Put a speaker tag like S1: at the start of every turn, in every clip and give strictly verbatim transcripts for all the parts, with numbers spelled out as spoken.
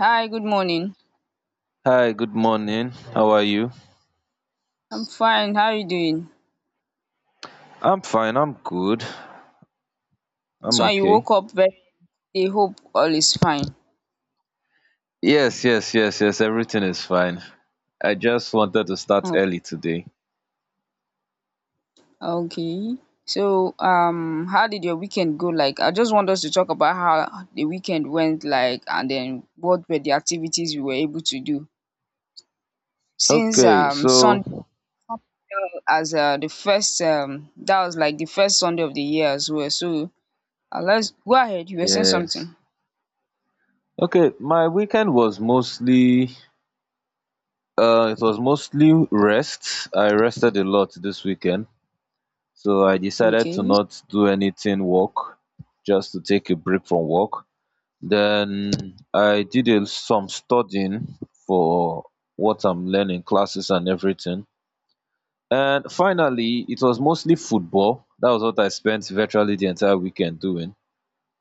S1: Hi, good morning.
S2: Hi, good morning. How are you?
S1: I'm fine. How are you doing?
S2: I'm fine. I'm good.
S1: This
S2: I'm
S1: one you
S2: okay.
S1: woke up very early. Hope all is fine.
S2: Yes, yes, yes, yes. Everything is fine. I just wanted to start
S1: Oh,
S2: early today.
S1: okay. So, um, how did your weekend go? Like, I just want us to talk about how the weekend went, like, and then what were the activities we were able to do since
S2: Okay,
S1: um Sunday
S2: so
S1: fell as uh, the first um that was like the first Sunday of the year as well. So, uh, let's go ahead. You were saying
S2: yes.
S1: something.
S2: Okay, my weekend was mostly uh it was mostly rest. I rested a lot this weekend. So I decided to
S1: Okay.
S2: not do anything work, just to take a break from work. Then I did a, some studying for what I'm learning, classes and everything. And finally, it was mostly football. That was what I spent virtually the entire weekend doing.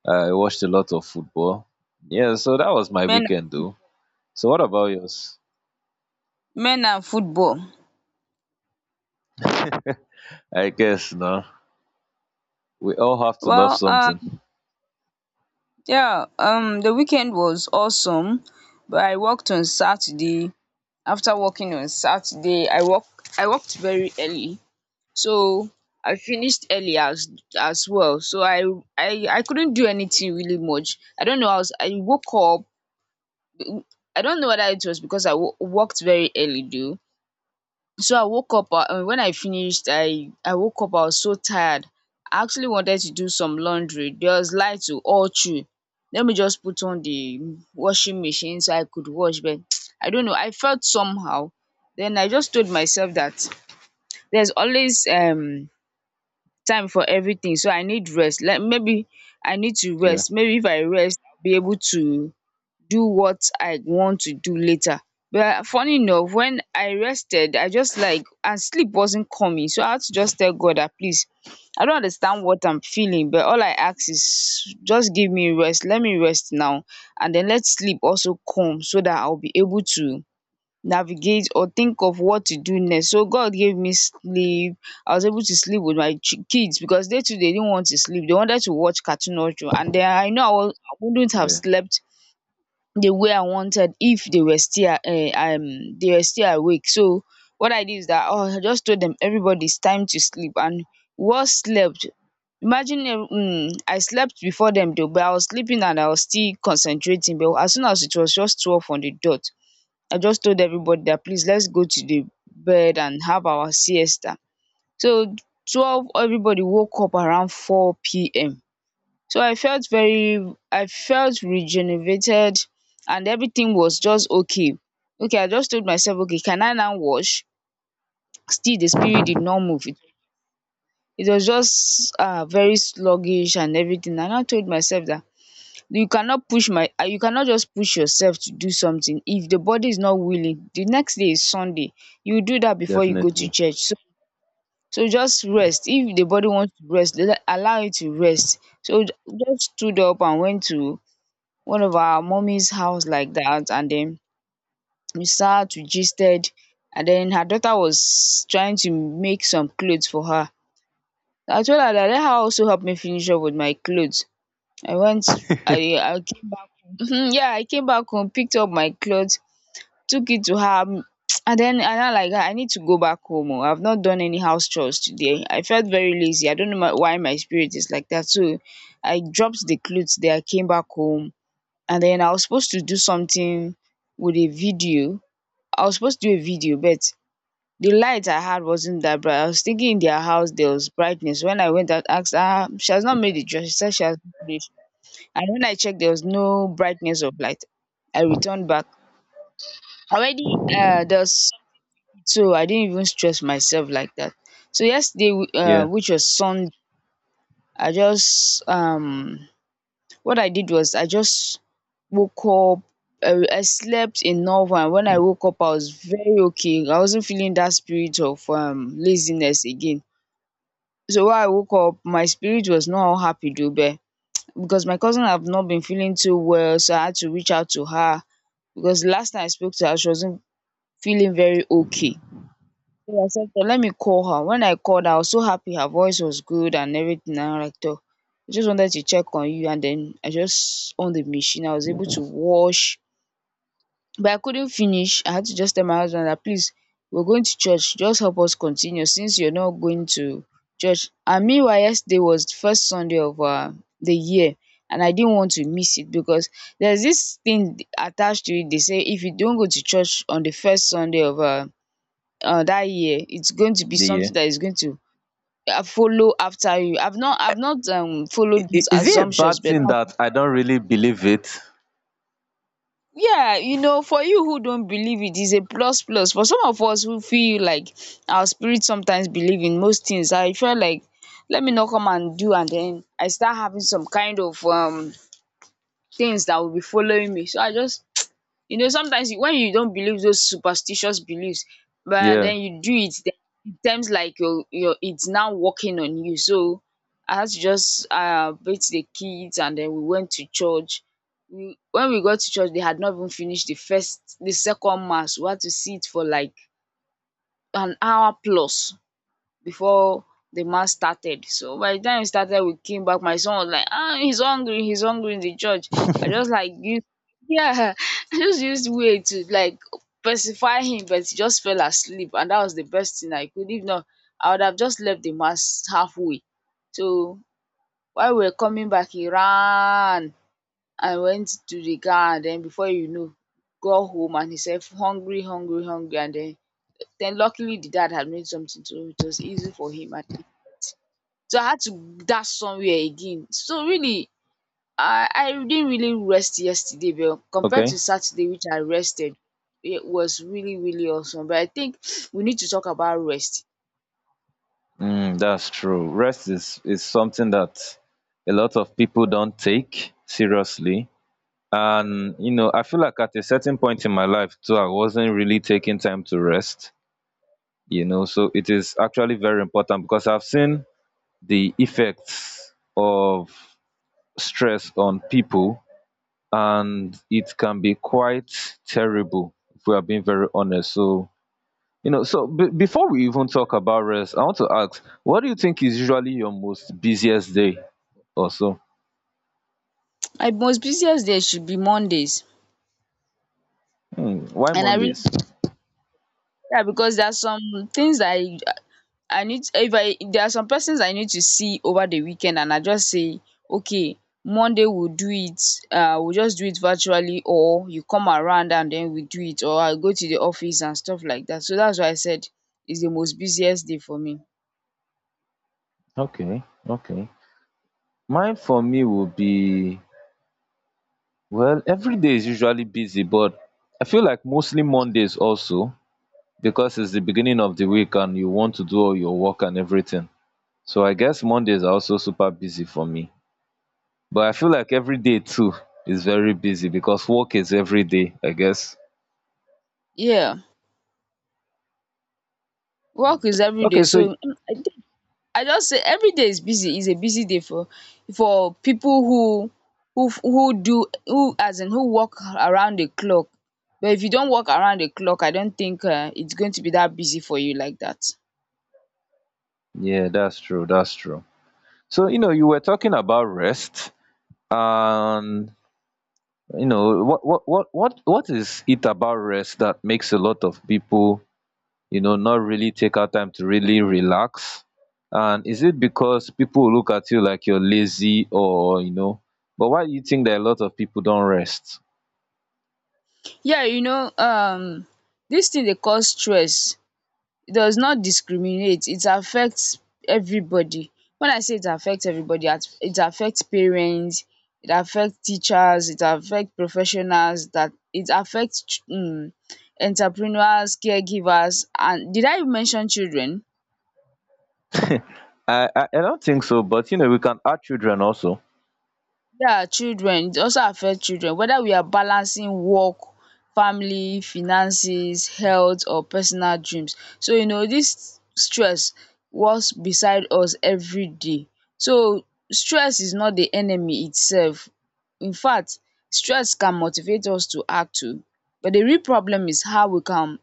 S2: I watched a lot of football. Yeah, so that was my
S1: Men,
S2: weekend though. So what about yours?
S1: men and football.
S2: I guess no. We all have to love
S1: Well, uh.
S2: something.
S1: Yeah, um, the weekend was awesome, but I worked on Saturday. After working on Saturday, I work I worked very early, so I finished early as as well. So I I I couldn't do anything really much. I don't know. I was I woke up. I don't know whether it was because I wo- worked very early, though. So I woke up, uh, when I finished, i i woke up, I was so tired. I actually wanted to do some laundry. There was light to all through. Let me just put on the washing machine so I could wash, but I don't know, I felt somehow. Then I just told myself that there's always um time for everything, so I need rest. Like, maybe I need to
S2: Yeah.
S1: rest. Maybe if I rest, I'll be able to do what I want to do later. But funny enough, when I rested, I just like, and sleep wasn't coming. So I had to just tell God that, please, I don't understand what I'm feeling, but all I ask is just give me rest. Let me rest now. And then let sleep also come so that I'll be able to navigate or think of what to do next. So God gave me sleep. I was able to sleep with my chi- kids because they too, they didn't want to sleep. They wanted to watch Cartoon Network. And then I know, I, was, I wouldn't have
S2: Yeah.
S1: slept the way I wanted if they were still uh, um they were still awake. So what I did is that, oh, I just told them, everybody, it's time to sleep, and we slept. Imagine, um, I slept before them though, but I was sleeping and I was still concentrating. But as soon as it was just twelve on the dot, I just told everybody that, please, let's go to the bed and have our siesta. So twelve, everybody woke up around four p m, so I felt very I felt rejuvenated and everything was just okay. Okay, I just told myself, okay, can I now wash? Still the spirit did not move. It it was just uh very sluggish and everything. And I told myself that you cannot push my ah you cannot just push yourself to do something if the body is not willing. The next day is Sunday. You do that before you go to
S2: Definitely.
S1: church. So so just rest. If the body wants to rest, le- allow it to rest. So j- just stood up and went to one of our mommy's house like that, and then we sat, we gisted. And then her daughter was trying to make some clothes for her. I told her that let her also help me finish up with my clothes. I went I I came back. Um yeah, I came back home, picked up my clothes, took it to her, um and then I now like, guy, I need to go back home oo. I have not done any house chores today. I felt very lazy, I don't know, my, why my spirit is like that. So I dropped the clothes there, I came back home, and then I was supposed to do something with a video. I was supposed to do a video, but the light I had wasn't that bright. I was thinking in their house there was brightness. When I went out, asked her, she has not made the dress. She said she has not finished. And when I checked, there was no brightness of light. I returned back. Already, uh, there was sun, so I didn't even stress myself like that. So yesterday, uh,
S2: Yeah.
S1: which was Sunday, I just um what I did was I just woke up. I I slept enough, and when I woke up I was very okay. I wasn't feeling that spirit of um laziness again. So when I woke up my spirit was not all happy though, but because my cousin have not been feeling too well, so I had to reach out to her, because last time I spoke to her she wasn't feeling very okay. So I said, "Okay, let me call her." When I called her, I was so happy. Her voice was good and everything. And I'm like, "Toh, I just wanted to check on you." And then I just on the machine. I was able to wash, but I couldn't finish. I had to just tell my husband that, please, we're going to church. Just help us continue, since you're not going to church. And meanwhile, yesterday was the first Sunday of uh, the year. And I didn't want to miss it, because there's this thing attached to it. They say if you don't go to church on the first Sunday of uh, uh, that year, it's going to be
S2: The yeah.
S1: something that is going to uh, follow after you. i've not i've not um
S2: I-
S1: followed
S2: i-
S1: these
S2: Is it a
S1: assumptions,
S2: bad
S1: but
S2: thing that I don't really believe it?
S1: yeah, you know, for you who don't believe, it is a plus plus. For some of us who feel like our spirit sometimes believe in most things, I feel like, let me not come and do and then I start having some kind of um things that will be following me. So I just, you know, sometimes you, when you don't believe those superstitious beliefs, but
S2: Yeah.
S1: then you do it, then it seems like your your it's now working on you. So I had to just uh beat the kids, and then we went to church. We, when we got to church, they had not even finished the first the second mass. We had to sit for like an hour plus before the mass started. So by the time it started, we came back. My son was like, ah, he's hungry, he's hungry in the church. I just like used yeah, I just used way to like pacify him, but he just fell asleep, and that was the best thing I could. If not, I would have just left the mass halfway. So while we were coming back, he ran and went to the car, and then before you know, got home, and he said hungry, hungry, hungry, and then then luckily the dad had made something, so it was easy for him. And so I had to dash somewhere again. So really, I I didn't really rest yesterday, but compared
S2: Okay.
S1: to Saturday, which I rested, it was really, really awesome. But I think we need to talk about rest.
S2: Mm, that's true. Rest is is something that a lot of people don't take seriously. And you know, I feel like at a certain point in my life too, I wasn't really taking time to rest. You know, so it is actually very important because I've seen the effects of stress on people, and it can be quite terrible if we are being very honest. So you know, so b- before we even talk about rest, I want to ask, what do you think is usually your most busiest day or so?
S1: My most busiest day should be Mondays.
S2: Hmm, why
S1: And I really,
S2: Mondays?
S1: yeah, because there are some things that I I need, if I there are some persons I need to see over the weekend, and I just say, okay, Monday we'll do it. Uh we'll just do it virtually, or you come around and then we do it, or I'll go to the office and stuff like that. So that's why I said it's the most busiest day for me.
S2: Okay, okay. Mine for me will be, well, every day is usually busy, but I feel like mostly Mondays also because it's the beginning of the week and you want to do all your work and everything. So I guess Mondays are also super busy for me. But I feel like every day too is very busy because work is every day, I guess.
S1: Yeah. Work is every day,
S2: Okay, so
S1: so mm, I I just say every day is busy, is a busy day for for people who who who do who as in, who work around the clock. But if you don't work around the clock, I don't think um it's going to be that busy for you like that.
S2: yeah, that's true. That's true. So, you know, you were talking about rest, and you know, what what what what what is it about rest that makes a lot of people, you know, not really take out time to really relax? And is it because people look at you like you're lazy or, you know, but why do you think that a lot of people don't rest?
S1: Yeah, you know um this thing they call stress, it does not discriminate, it affects everybody. When I say it affects everybody, at- it affects parents, it affects teachers, it affects professionals, that it affects ch- um entrepreneurs, caregivers, and did I mention children?
S2: I I, I don't think so, but you know, we can add children also.
S1: Yeah, children, it also affect children. Whether we are balancing work, family, finances, health or personal dreams, so you know this stress walks beside us every day. So stress is not the enemy itself. In fact, stress can motivate us to act too. But the real problem is how we can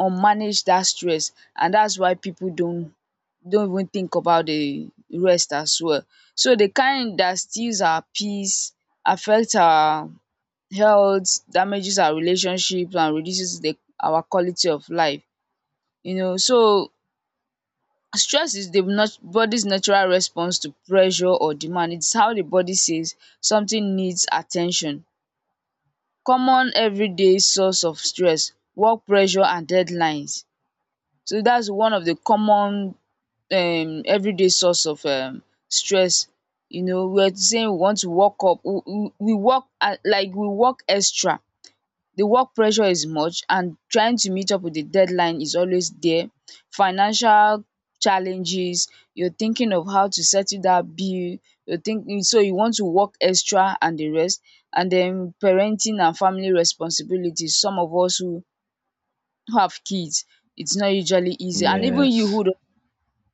S1: unmanage that stress, and that's why people don't don't even think about the rest as well. So the kind that steals our peace, affects our health, damages our relationships and reduces the our quality of life. You know, so stress is the nat body's natural response to pressure or demand. It's how the body says something needs attention. Common everyday source of stress: work pressure and deadlines. So that's one of the common um everyday source of um stress. You know, we're saying we want to work up, we, we, we work at, like, we work extra. The work pressure is much and trying to meet up with the deadline is always there. Financial challenges, you're thinking of how to settle that bill, you're thinking, so you want to work extra and the rest. And then parenting and family responsibilities, some of us who who have kids, it's not usually easy. And even you
S2: Yes.
S1: who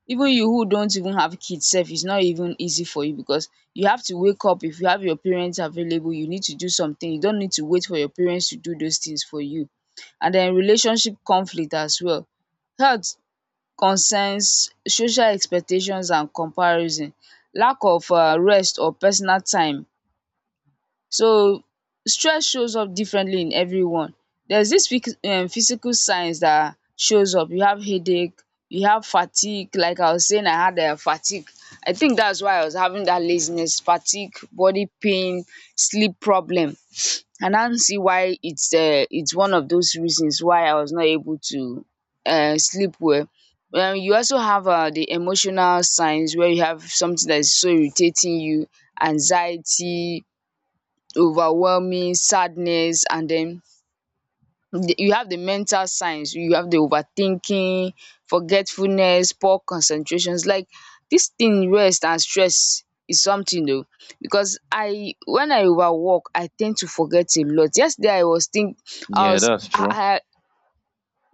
S1: even you who don't even have kids sef, is not even easy for you because you have to wake up. If you have your parents available, you need to do something, you don't need to wait for your parents to do those things for you. And then relationship conflict as well, health concerns, social expectations and comparison, lack of um rest or personal time. So stress shows up differently in everyone. There's this phyc- um physical signs that shows up. You have headache, you have fatigue. Like I was saying, I had um fatigue. I think that's why I was having that laziness, fatigue, body pain, sleep problem. I now see why it's um it's one of those reasons why I was not able to um sleep well. um You also have um the emotional signs where you have something that is so irritating you, anxiety, overwhelming sadness, and den, you have the mental signs, you have the overthinking, forgetfulness, poor concentrations. Like, this thing rest and stress is something, though, because I, when I overwork, I tend to forget a lot. Yesterday I was think I
S2: Yeah,
S1: was
S2: that's
S1: I
S2: true.
S1: I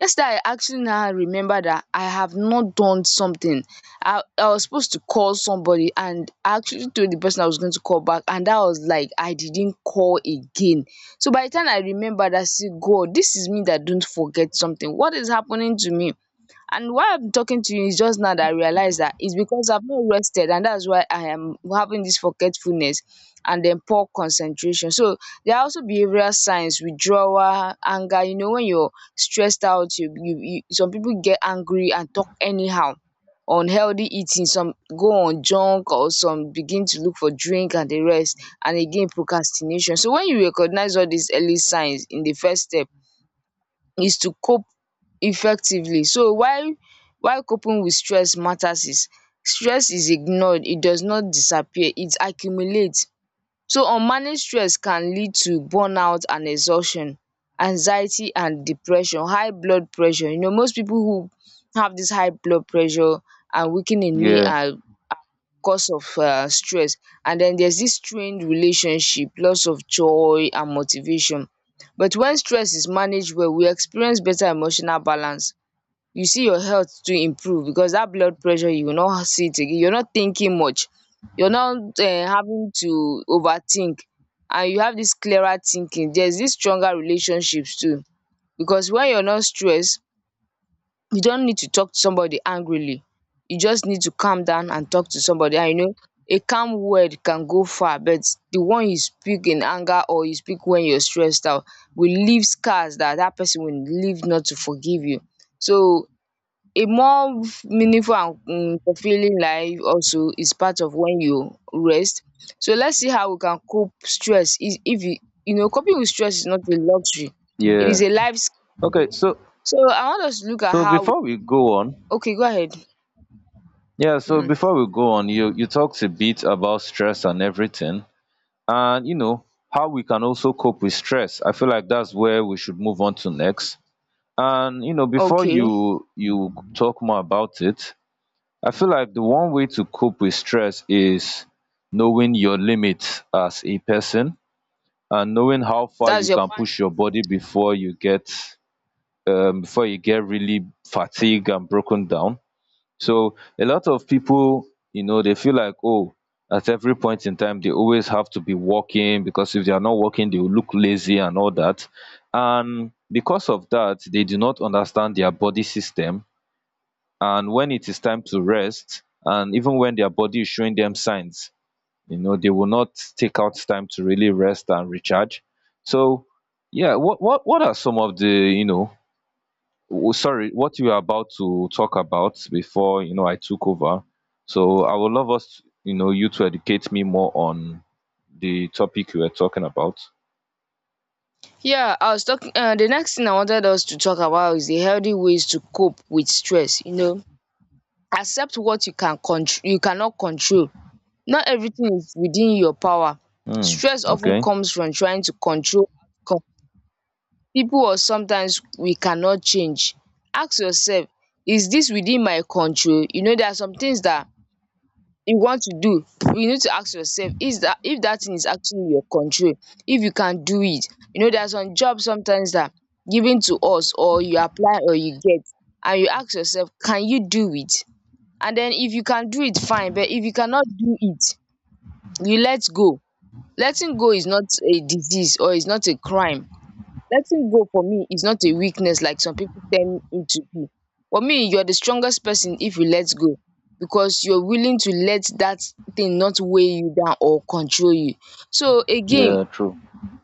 S1: yesterday I actually now remember that I have not done something. I i was supposed to call somebody and I actually told the person I was going to call back, and that was like, I didn't call again. So by the time I remembered, I said, God, this is me that don't forget something, what is happening to me? And why I'm talking to you is just now that I realize that it's because I've not rested, and that's why I am having this forgetfulness and then poor concentration. So there are also behavioral signs, withdrawal, anger. You know, when you're stressed out, you, you, you some people get angry and talk anyhow. Unhealthy eating, some go on junk or some begin to look for drink and the rest, and again procrastination. So when you recognize all these early signs, in the first step, is to cope effectively. So while while coping with stress matters, is stress is ignored, it does not disappear, it accumulates. So unmanaged stress can lead to burnout and exhaustion, anxiety and depression, high blood pressure. You know, most people who have this high blood pressure and weakening me
S2: Yeah.
S1: are cause of um stress. And then there's this strained relationship, loss of joy and motivation. But when stress is managed well, we experience better emotional balance. You see your health to improve because that blood pressure, you will not see it again. You're not thinking much, you're not um having to overthink, and you have this clearer thinking. There's this stronger relationships too, because when you're not stressed, you don't need to talk to somebody angrily. You just need to calm down and talk to somebody. And you know, a calm word can go far, but the one you speak in anger or you speak when you're stressed out will leave scars that that person will leave not to forgive you. So a more meaningful and um fulfilling life also is part of when you rest. So let's see how we can cope stress. Is if you, you know coping with stress is not a luxury, it
S2: Yeah.
S1: is a life. sk-
S2: Okay, so
S1: So I want us to look at
S2: so
S1: how.
S2: before we go on,
S1: Okay, go ahead.
S2: yeah, so
S1: Mm,
S2: before we go on, you you talked a bit about stress and everything, and you know how we can also cope with stress. I feel like that's where we should move on to next. And you know, before
S1: okay,
S2: you you talk more about it, I feel like the one way to cope with stress is knowing your limits as a person and knowing how far you
S1: that's your
S2: can
S1: point.
S2: push your body before you get um, before you get really fatigued and broken down. So a lot of people, you know, they feel like, oh, at every point in time, they always have to be working because if they are not working, they will look lazy and all that. And because of that, they do not understand their body system. And when it is time to rest, and even when their body is showing them signs, you know, they will not take out time to really rest and recharge. So, yeah, what what what are some of the, you know, w- sorry, what you were about to talk about before, you know, I took over. So I would love us, you know, you to educate me more on the topic you were talking about.
S1: Yeah, I was talking. Uh, the next thing I wanted us to talk about is the healthy ways to cope with stress. You know, accept what you can control. You cannot control. Not everything is within your power.
S2: Hmm.
S1: Stress often
S2: Okay.
S1: comes from trying to control outcome, people, or sometimes we cannot change. Ask yourself, is this within my control? You know, there are some things that you want to do, you need to ask yourself is that if that thing is actually in your control, if you can do it. You know, there are some jobs sometimes that are given to us, or you apply or you get, and you ask yourself, can you do it? And then if you can do it, fine, but if you cannot do it, you let go. Letting go is not a disease or is not a crime. Letting go for me is not a weakness like some people tell it to be. For me, you're the strongest person if you let go, because you're willing to let that thing not weigh you down or control you. So again,
S2: Yeah, true.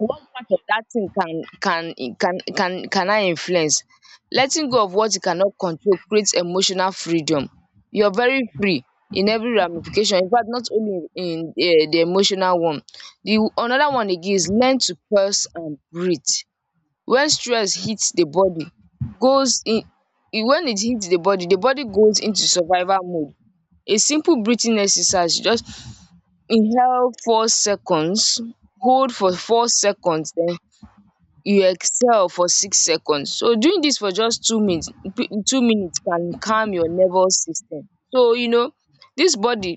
S1: what part of that thing can can can can can I influence? Letting go of what you cannot control creates emotional freedom. You're very free in every ramification. In fact, not only in, in eh, the emotional one. The another one again is learn to pause and breathe. When stress hits, the body goes in, it- when it hits the body, the body goes into survival mode. A simple breathing exercise, you just inhale four seconds, hold for four seconds, then you exhale for six seconds. So doing this for just two minutes, p- two minutes can calm your nervous system. So you know, this body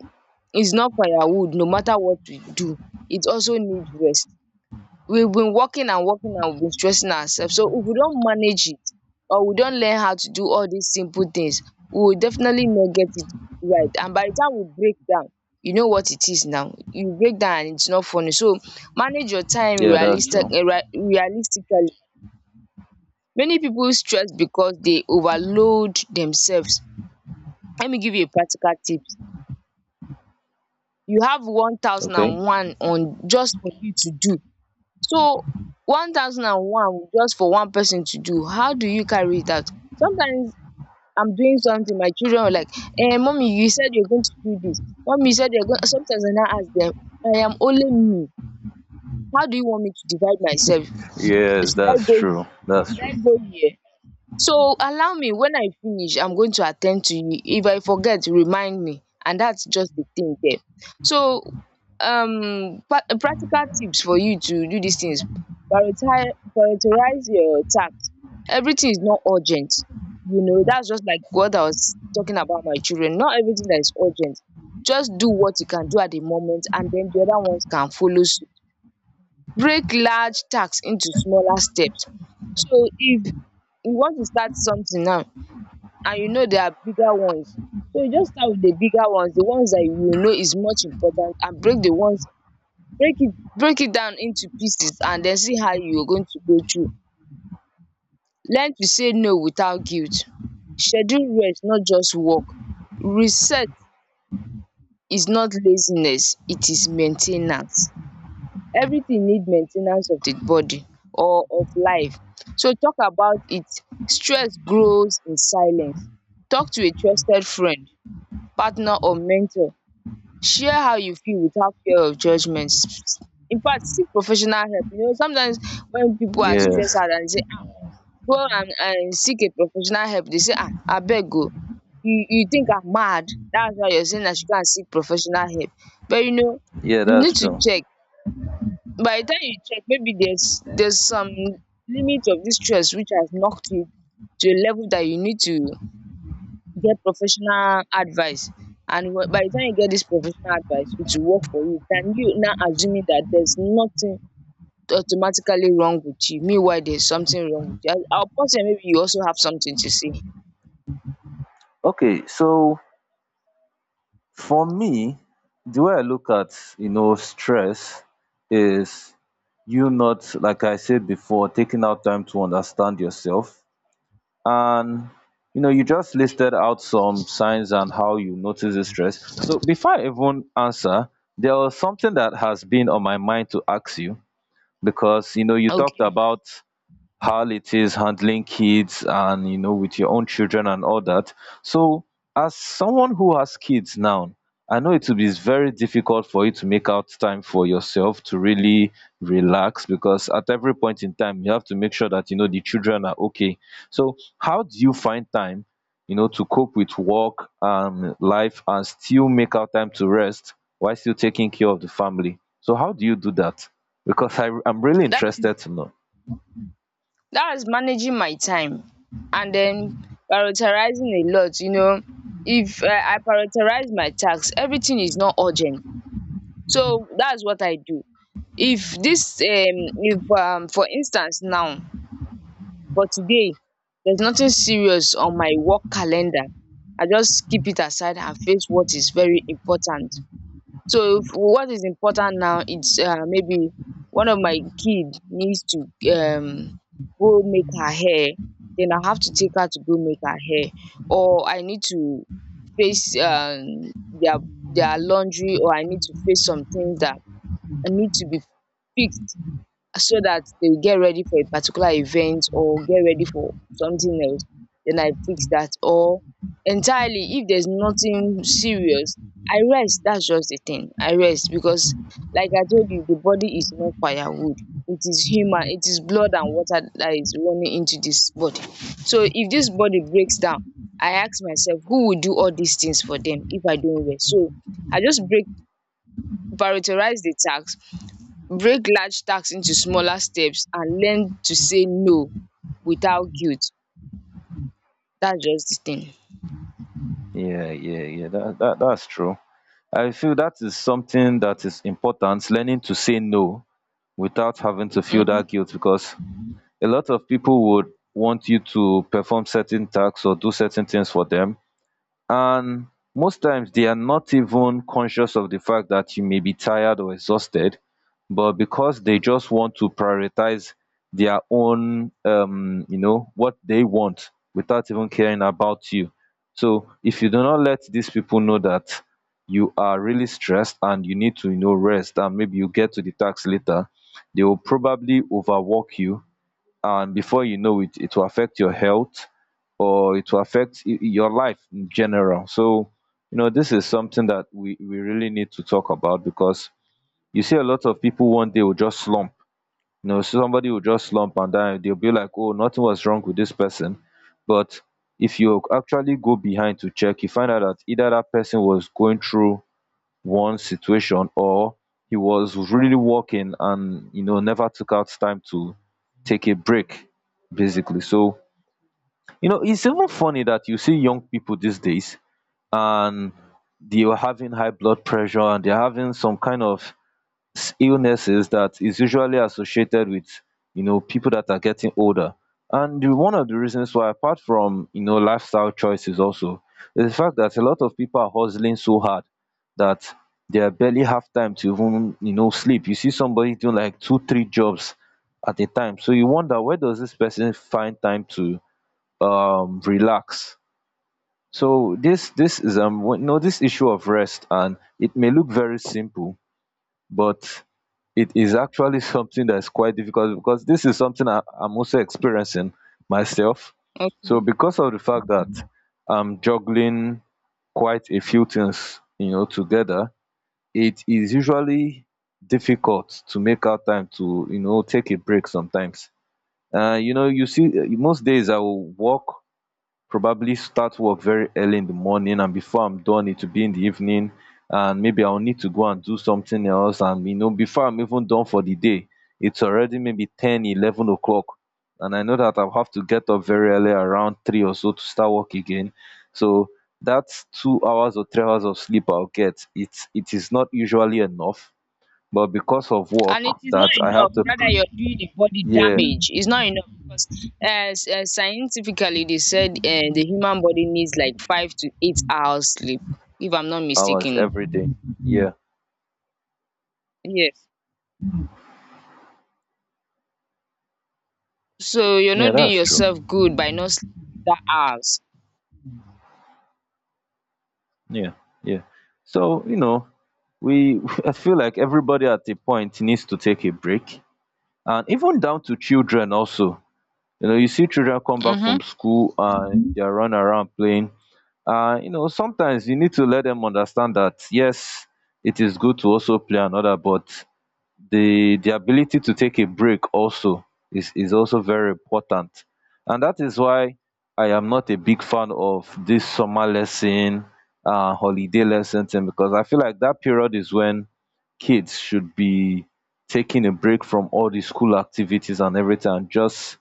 S1: is not firewood, no matter what we do, it also needs rest. We've been working and working, and we've been stressing ourselves. So if we don't manage it, or we don't learn how to do all these simple things, we will definitely not get it right. And by the time we break down, you know what it is now. You break down and it's not funny. So manage your time
S2: Yeah, that's
S1: realistic,
S2: true.
S1: eh, rea- realistically. Many people stress because they overload themselves. Let me give you a practical tip. You have
S2: Okay.
S1: one thousand and one on just for you to do. So one thousand and one just for one person to do, how do you carry it out? Sometimes I'm doing something, my children are like, eh, mommy, you said you're going to do this. Mommy, you said you're going. Sometimes I now ask them, I am only me. How do you want me to divide myself?
S2: Yes,
S1: Should I
S2: that's
S1: go here?
S2: true. That's
S1: Should I
S2: true.
S1: go here? So allow me, when I finish I'm going to attend to you, if I forget remind me, and that's just the thing there. So um pa- practical tips for you to do these things, prioritize prioritize your tasks. Everything is not urgent. You know, that's just like what I was talking about my children, not everything that is urgent, just do what you can do at the moment, and then the other ones can follow suit. Break large tasks into smaller steps. So if you want to start something now, and you know there are bigger ones, so you just start with the bigger ones, the ones that you know is much important, and break the ones, break it break it down into pieces, and then see how you are going to go through. Learn to say no without guilt. Schedule rest, not just work. Reset is not laziness, it is main ten ance. Everything need main ten ance of the body or of life. So talk about it. Stress grows in silence. Talk to a trusted friend, partner or mentor, share how you feel without fear of judgment. S- in fact, seek professional help. You know, sometimes when people are stressed
S2: Yes.
S1: out and say, ah, go and and seek a professional help, they say, ah, abeg o, you you think I'm mad, that's why you're saying I should go and seek professional help. But you know,
S2: Yeah,
S1: you
S2: that's
S1: need to
S2: true.
S1: check. By the time you check, maybe there's there's some limit of this stress which has knocked you to a level that you need to get professional advice. And wh- by the time you get this professional advice, it will work for you than you now assuming that there's nothing automatically wrong with you, meanwhile there's something wrong with you. I- I'll pause here, maybe you also have something to say.
S2: Okay, so for me, the way I look at, you know, stress is you not, like I said before, taking out time to understand yourself, and you know, you just listed out some signs and how you notice this stress. So before I even answer, there was something that has been on my mind to ask you, because you know, you talked
S1: Okay.
S2: about how it is handling kids, and you know, with your own children and all that. So as someone who has kids now, I know it will be very difficult for you to make out time for yourself to really relax, because at every point in time you have to make sure that you know the children are okay. So how do you find time, you know, to cope with work and life and still make out time to rest while still taking care of the family? So how do you do that? Because I, i'm really
S1: that
S2: interested to know.
S1: that is managing my time, and then prioritizing a lot. You know, if um I prioritize my tasks, everything is not urgent. So that's what I do. If this um, if um, for instance now, for today, there's nothing serious on my work calendar. I just keep it aside and face what is very important. So if what is important now, it's uh, maybe one of my kid needs to um go make her hair, then I have to take her to go make her hair, or I need to face um their their laundry, or I need to face some things that I need to be fixed so that they will get ready for a particular event or get ready for something else, then I fix that. Or entirely, if there's nothing serious, I rest. That's just the thing. I rest because, like I told you, the body is not firewood. It is human. It is blood and water that is running into this body. So if this body breaks down, I ask myself, who will do all these things for them if I don't rest? So I just break prioritize the task, break large tasks into smaller steps, and learn to say no without guilt. That's just the thing.
S2: Yeah, yeah, yeah. That, that that's true. I feel that is something that is important, learning to say no without having to feel
S1: Hmm.
S2: that guilt, because a lot of people would want you to perform certain tasks or do certain things for them, and most times they are not even conscious of the fact that you may be tired or exhausted, but because they just want to prioritize their own um you know what they want without even caring about you. So if you do not let these people know that you are really stressed and you need to, you know, rest and maybe you get to the tax later, they will probably overwork you, and before you know it, it will affect your health or it will affect y- your life in general. So you know, this is something that we we really need to talk about, because you see a lot of people one day will just slump. You know, somebody will just slump and then they'll be like, oh, nothing was wrong with this person. But if you actually go behind to check, you find out that either that person was going through one situation, or he was really working and, you know, never took out time to take a break, basically. So you know, it's even funny that you see young people these days, and they are having high blood pressure, and they're having some kind of s- illnesses that is usually associated with, you know, people that are getting older. And the, one of the reasons why, apart from, you know, lifestyle choices, also is the fact that a lot of people are hustling so hard that they barely have time to even, you know, sleep. You see somebody doing like two, three jobs at a time, so you wonder, where does this person find time to um relax. So this this is um you know, this issue of rest, and it may look very simple, but it is actually something that is quite difficult, because this is something I, I'm also experiencing myself. So
S1: Okay.
S2: because of the fact that I'm juggling quite a few things, you know, together, it is usually difficult to make out time to, you know, take a break sometimes. Uh, you know, you see, uh, most days I will work, probably start work very early in the morning, and before I'm done it will be in the evening, and maybe I'll need to go and do something else, and you know, before I'm even done for the day, it's already maybe 10 11 o'clock, and I know that I'll have to get up very early around three or so to start work again. So that's two hours or three hours of sleep I'll get. It's, it is not usually enough, but because of work
S1: And it is not
S2: that I have
S1: enough.
S2: to
S1: Rather,
S2: pr-
S1: you're doing the body
S2: yeah,
S1: damage. It's not enough because uh, s- uh, scientifically, they said uh, the human body needs like five to eight hours sleep, if I'm not
S2: hours
S1: mistaken.
S2: every day. Yeah.
S1: Yes. So you're
S2: Yeah,
S1: not doing
S2: that's true.
S1: yourself good by not sleeping that hours.
S2: Yeah, yeah. So, you know, we I feel like everybody at a point needs to take a break. And even down to children also. You know, you see children come back
S1: Mhm.
S2: from school and they run around playing. Uh, you know, sometimes you need to let them understand that yes, it is good to also play another, but the the ability to take a break also is is also very important, and that is why I am not a big fan of this summer lesson, uh holiday lesson thing, because I feel like that period is when kids should be taking a break from all the school activities and everything, and just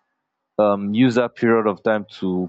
S2: um use that period of time to,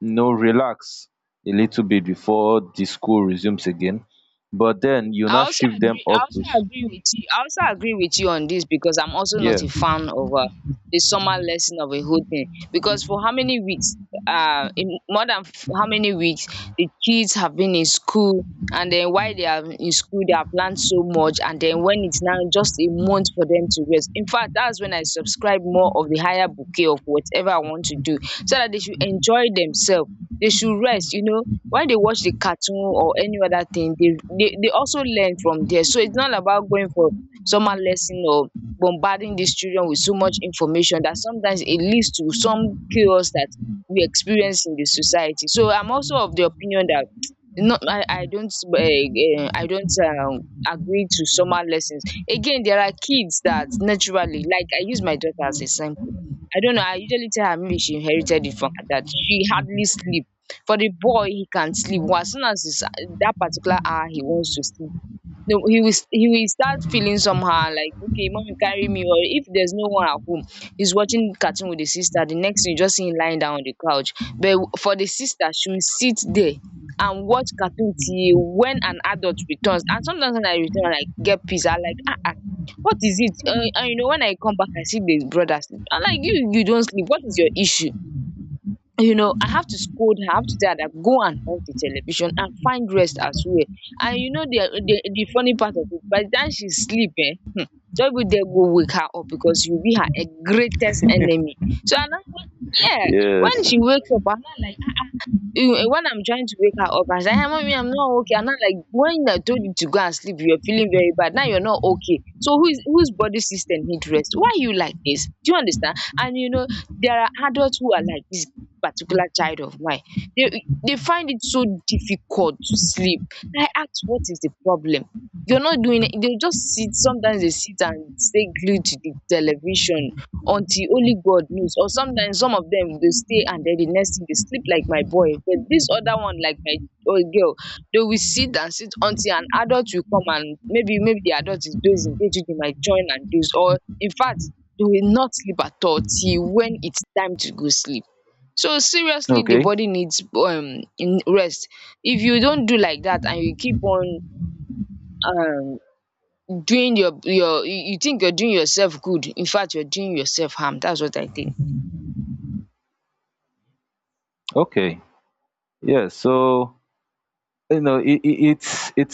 S2: you know, relax a little bit before the school resumes again. But then you
S1: I
S2: now
S1: also
S2: shift them
S1: agree. I
S2: up to
S1: also
S2: s-
S1: agree with you. I also agree with you on this because I'm also
S2: yeah.
S1: not a fan of uh, the summer lesson of a whole thing. Because for how many weeks? Uh, in more than f- how many weeks the kids have been in school, and then while they are in school, they have learned so much, and then when it's now just a month for them to rest. In fact, that's when I subscribe more of the higher bouquet of whatever I want to do, so that they should enjoy themselves. They should rest. You know, when they watch the cartoon or any other thing they they, they also learn from there, so it's not about going for summer lesson or bombarding these children with so much information that sometimes it leads to some chaos that we experience in the society. So I'm also of the opinion that not i i don't um i don't um agree to summer lessons. Again, there are kids that naturally, like I use my daughter as example, I don't know, I usually tell her maybe she inherited it from her dad, she hardly sleep. For the boy, he can sleep. Well, as soon as it's that particular hour he wants to sleep, no, he will he will start feeling somehow like, okay, mommy carry me. Or if there's no one at home, he's watching cartoon with the sister. The next thing, you just see him lying down on the couch. But for the sister, she will sit there and watch cartoon till when an adult returns. And sometimes when I return, I like, get peace. I like, ah ah, what is it? Uh, and you know, when I come back, I see the brother sleep. I'm like, you, you don't sleep. What is your issue? You know, I have to scold her. I have to tell her that go and off the television and find rest as well. And you know the the, the funny part of it, by the time she sleep, eh hmm, don't even dare go wake her up because you be her, eh, greatest enemy. So and then, yeah, when
S2: Yes.
S1: she wakes up, I'm not like, you- eh, when I'm trying to wake her up and say, hey, mommy, I'm not okay. And I'm like, when I told you to go and sleep, you're feeling very bad. Now you're not okay. So who is whose body system need rest? Why you like this? Do you understand? And you know, there are adults who are like this particular child of mine. They they find it so difficult to sleep. I asked, what is the problem? You're not doing it. They just sit. Sometimes they sit and stay glued to the television until only God knows. Or sometimes some of them, they stay and then the next thing they sleep like my boy. But this other one, like my old girl, they will sit and sit until an adult will come, and maybe maybe the adult is dozing, they too, they might join and doze. Or in fact, they will not sleep at all till when it's time to go sleep. So seriously, the
S2: Okay.
S1: body needs um in rest. If you don't do like that and you keep on um doing your your, you you think you're doing yourself good, in fact you're doing yourself harm. That's what I think.
S2: Okay. Yeah. So you know, it, it, it's it's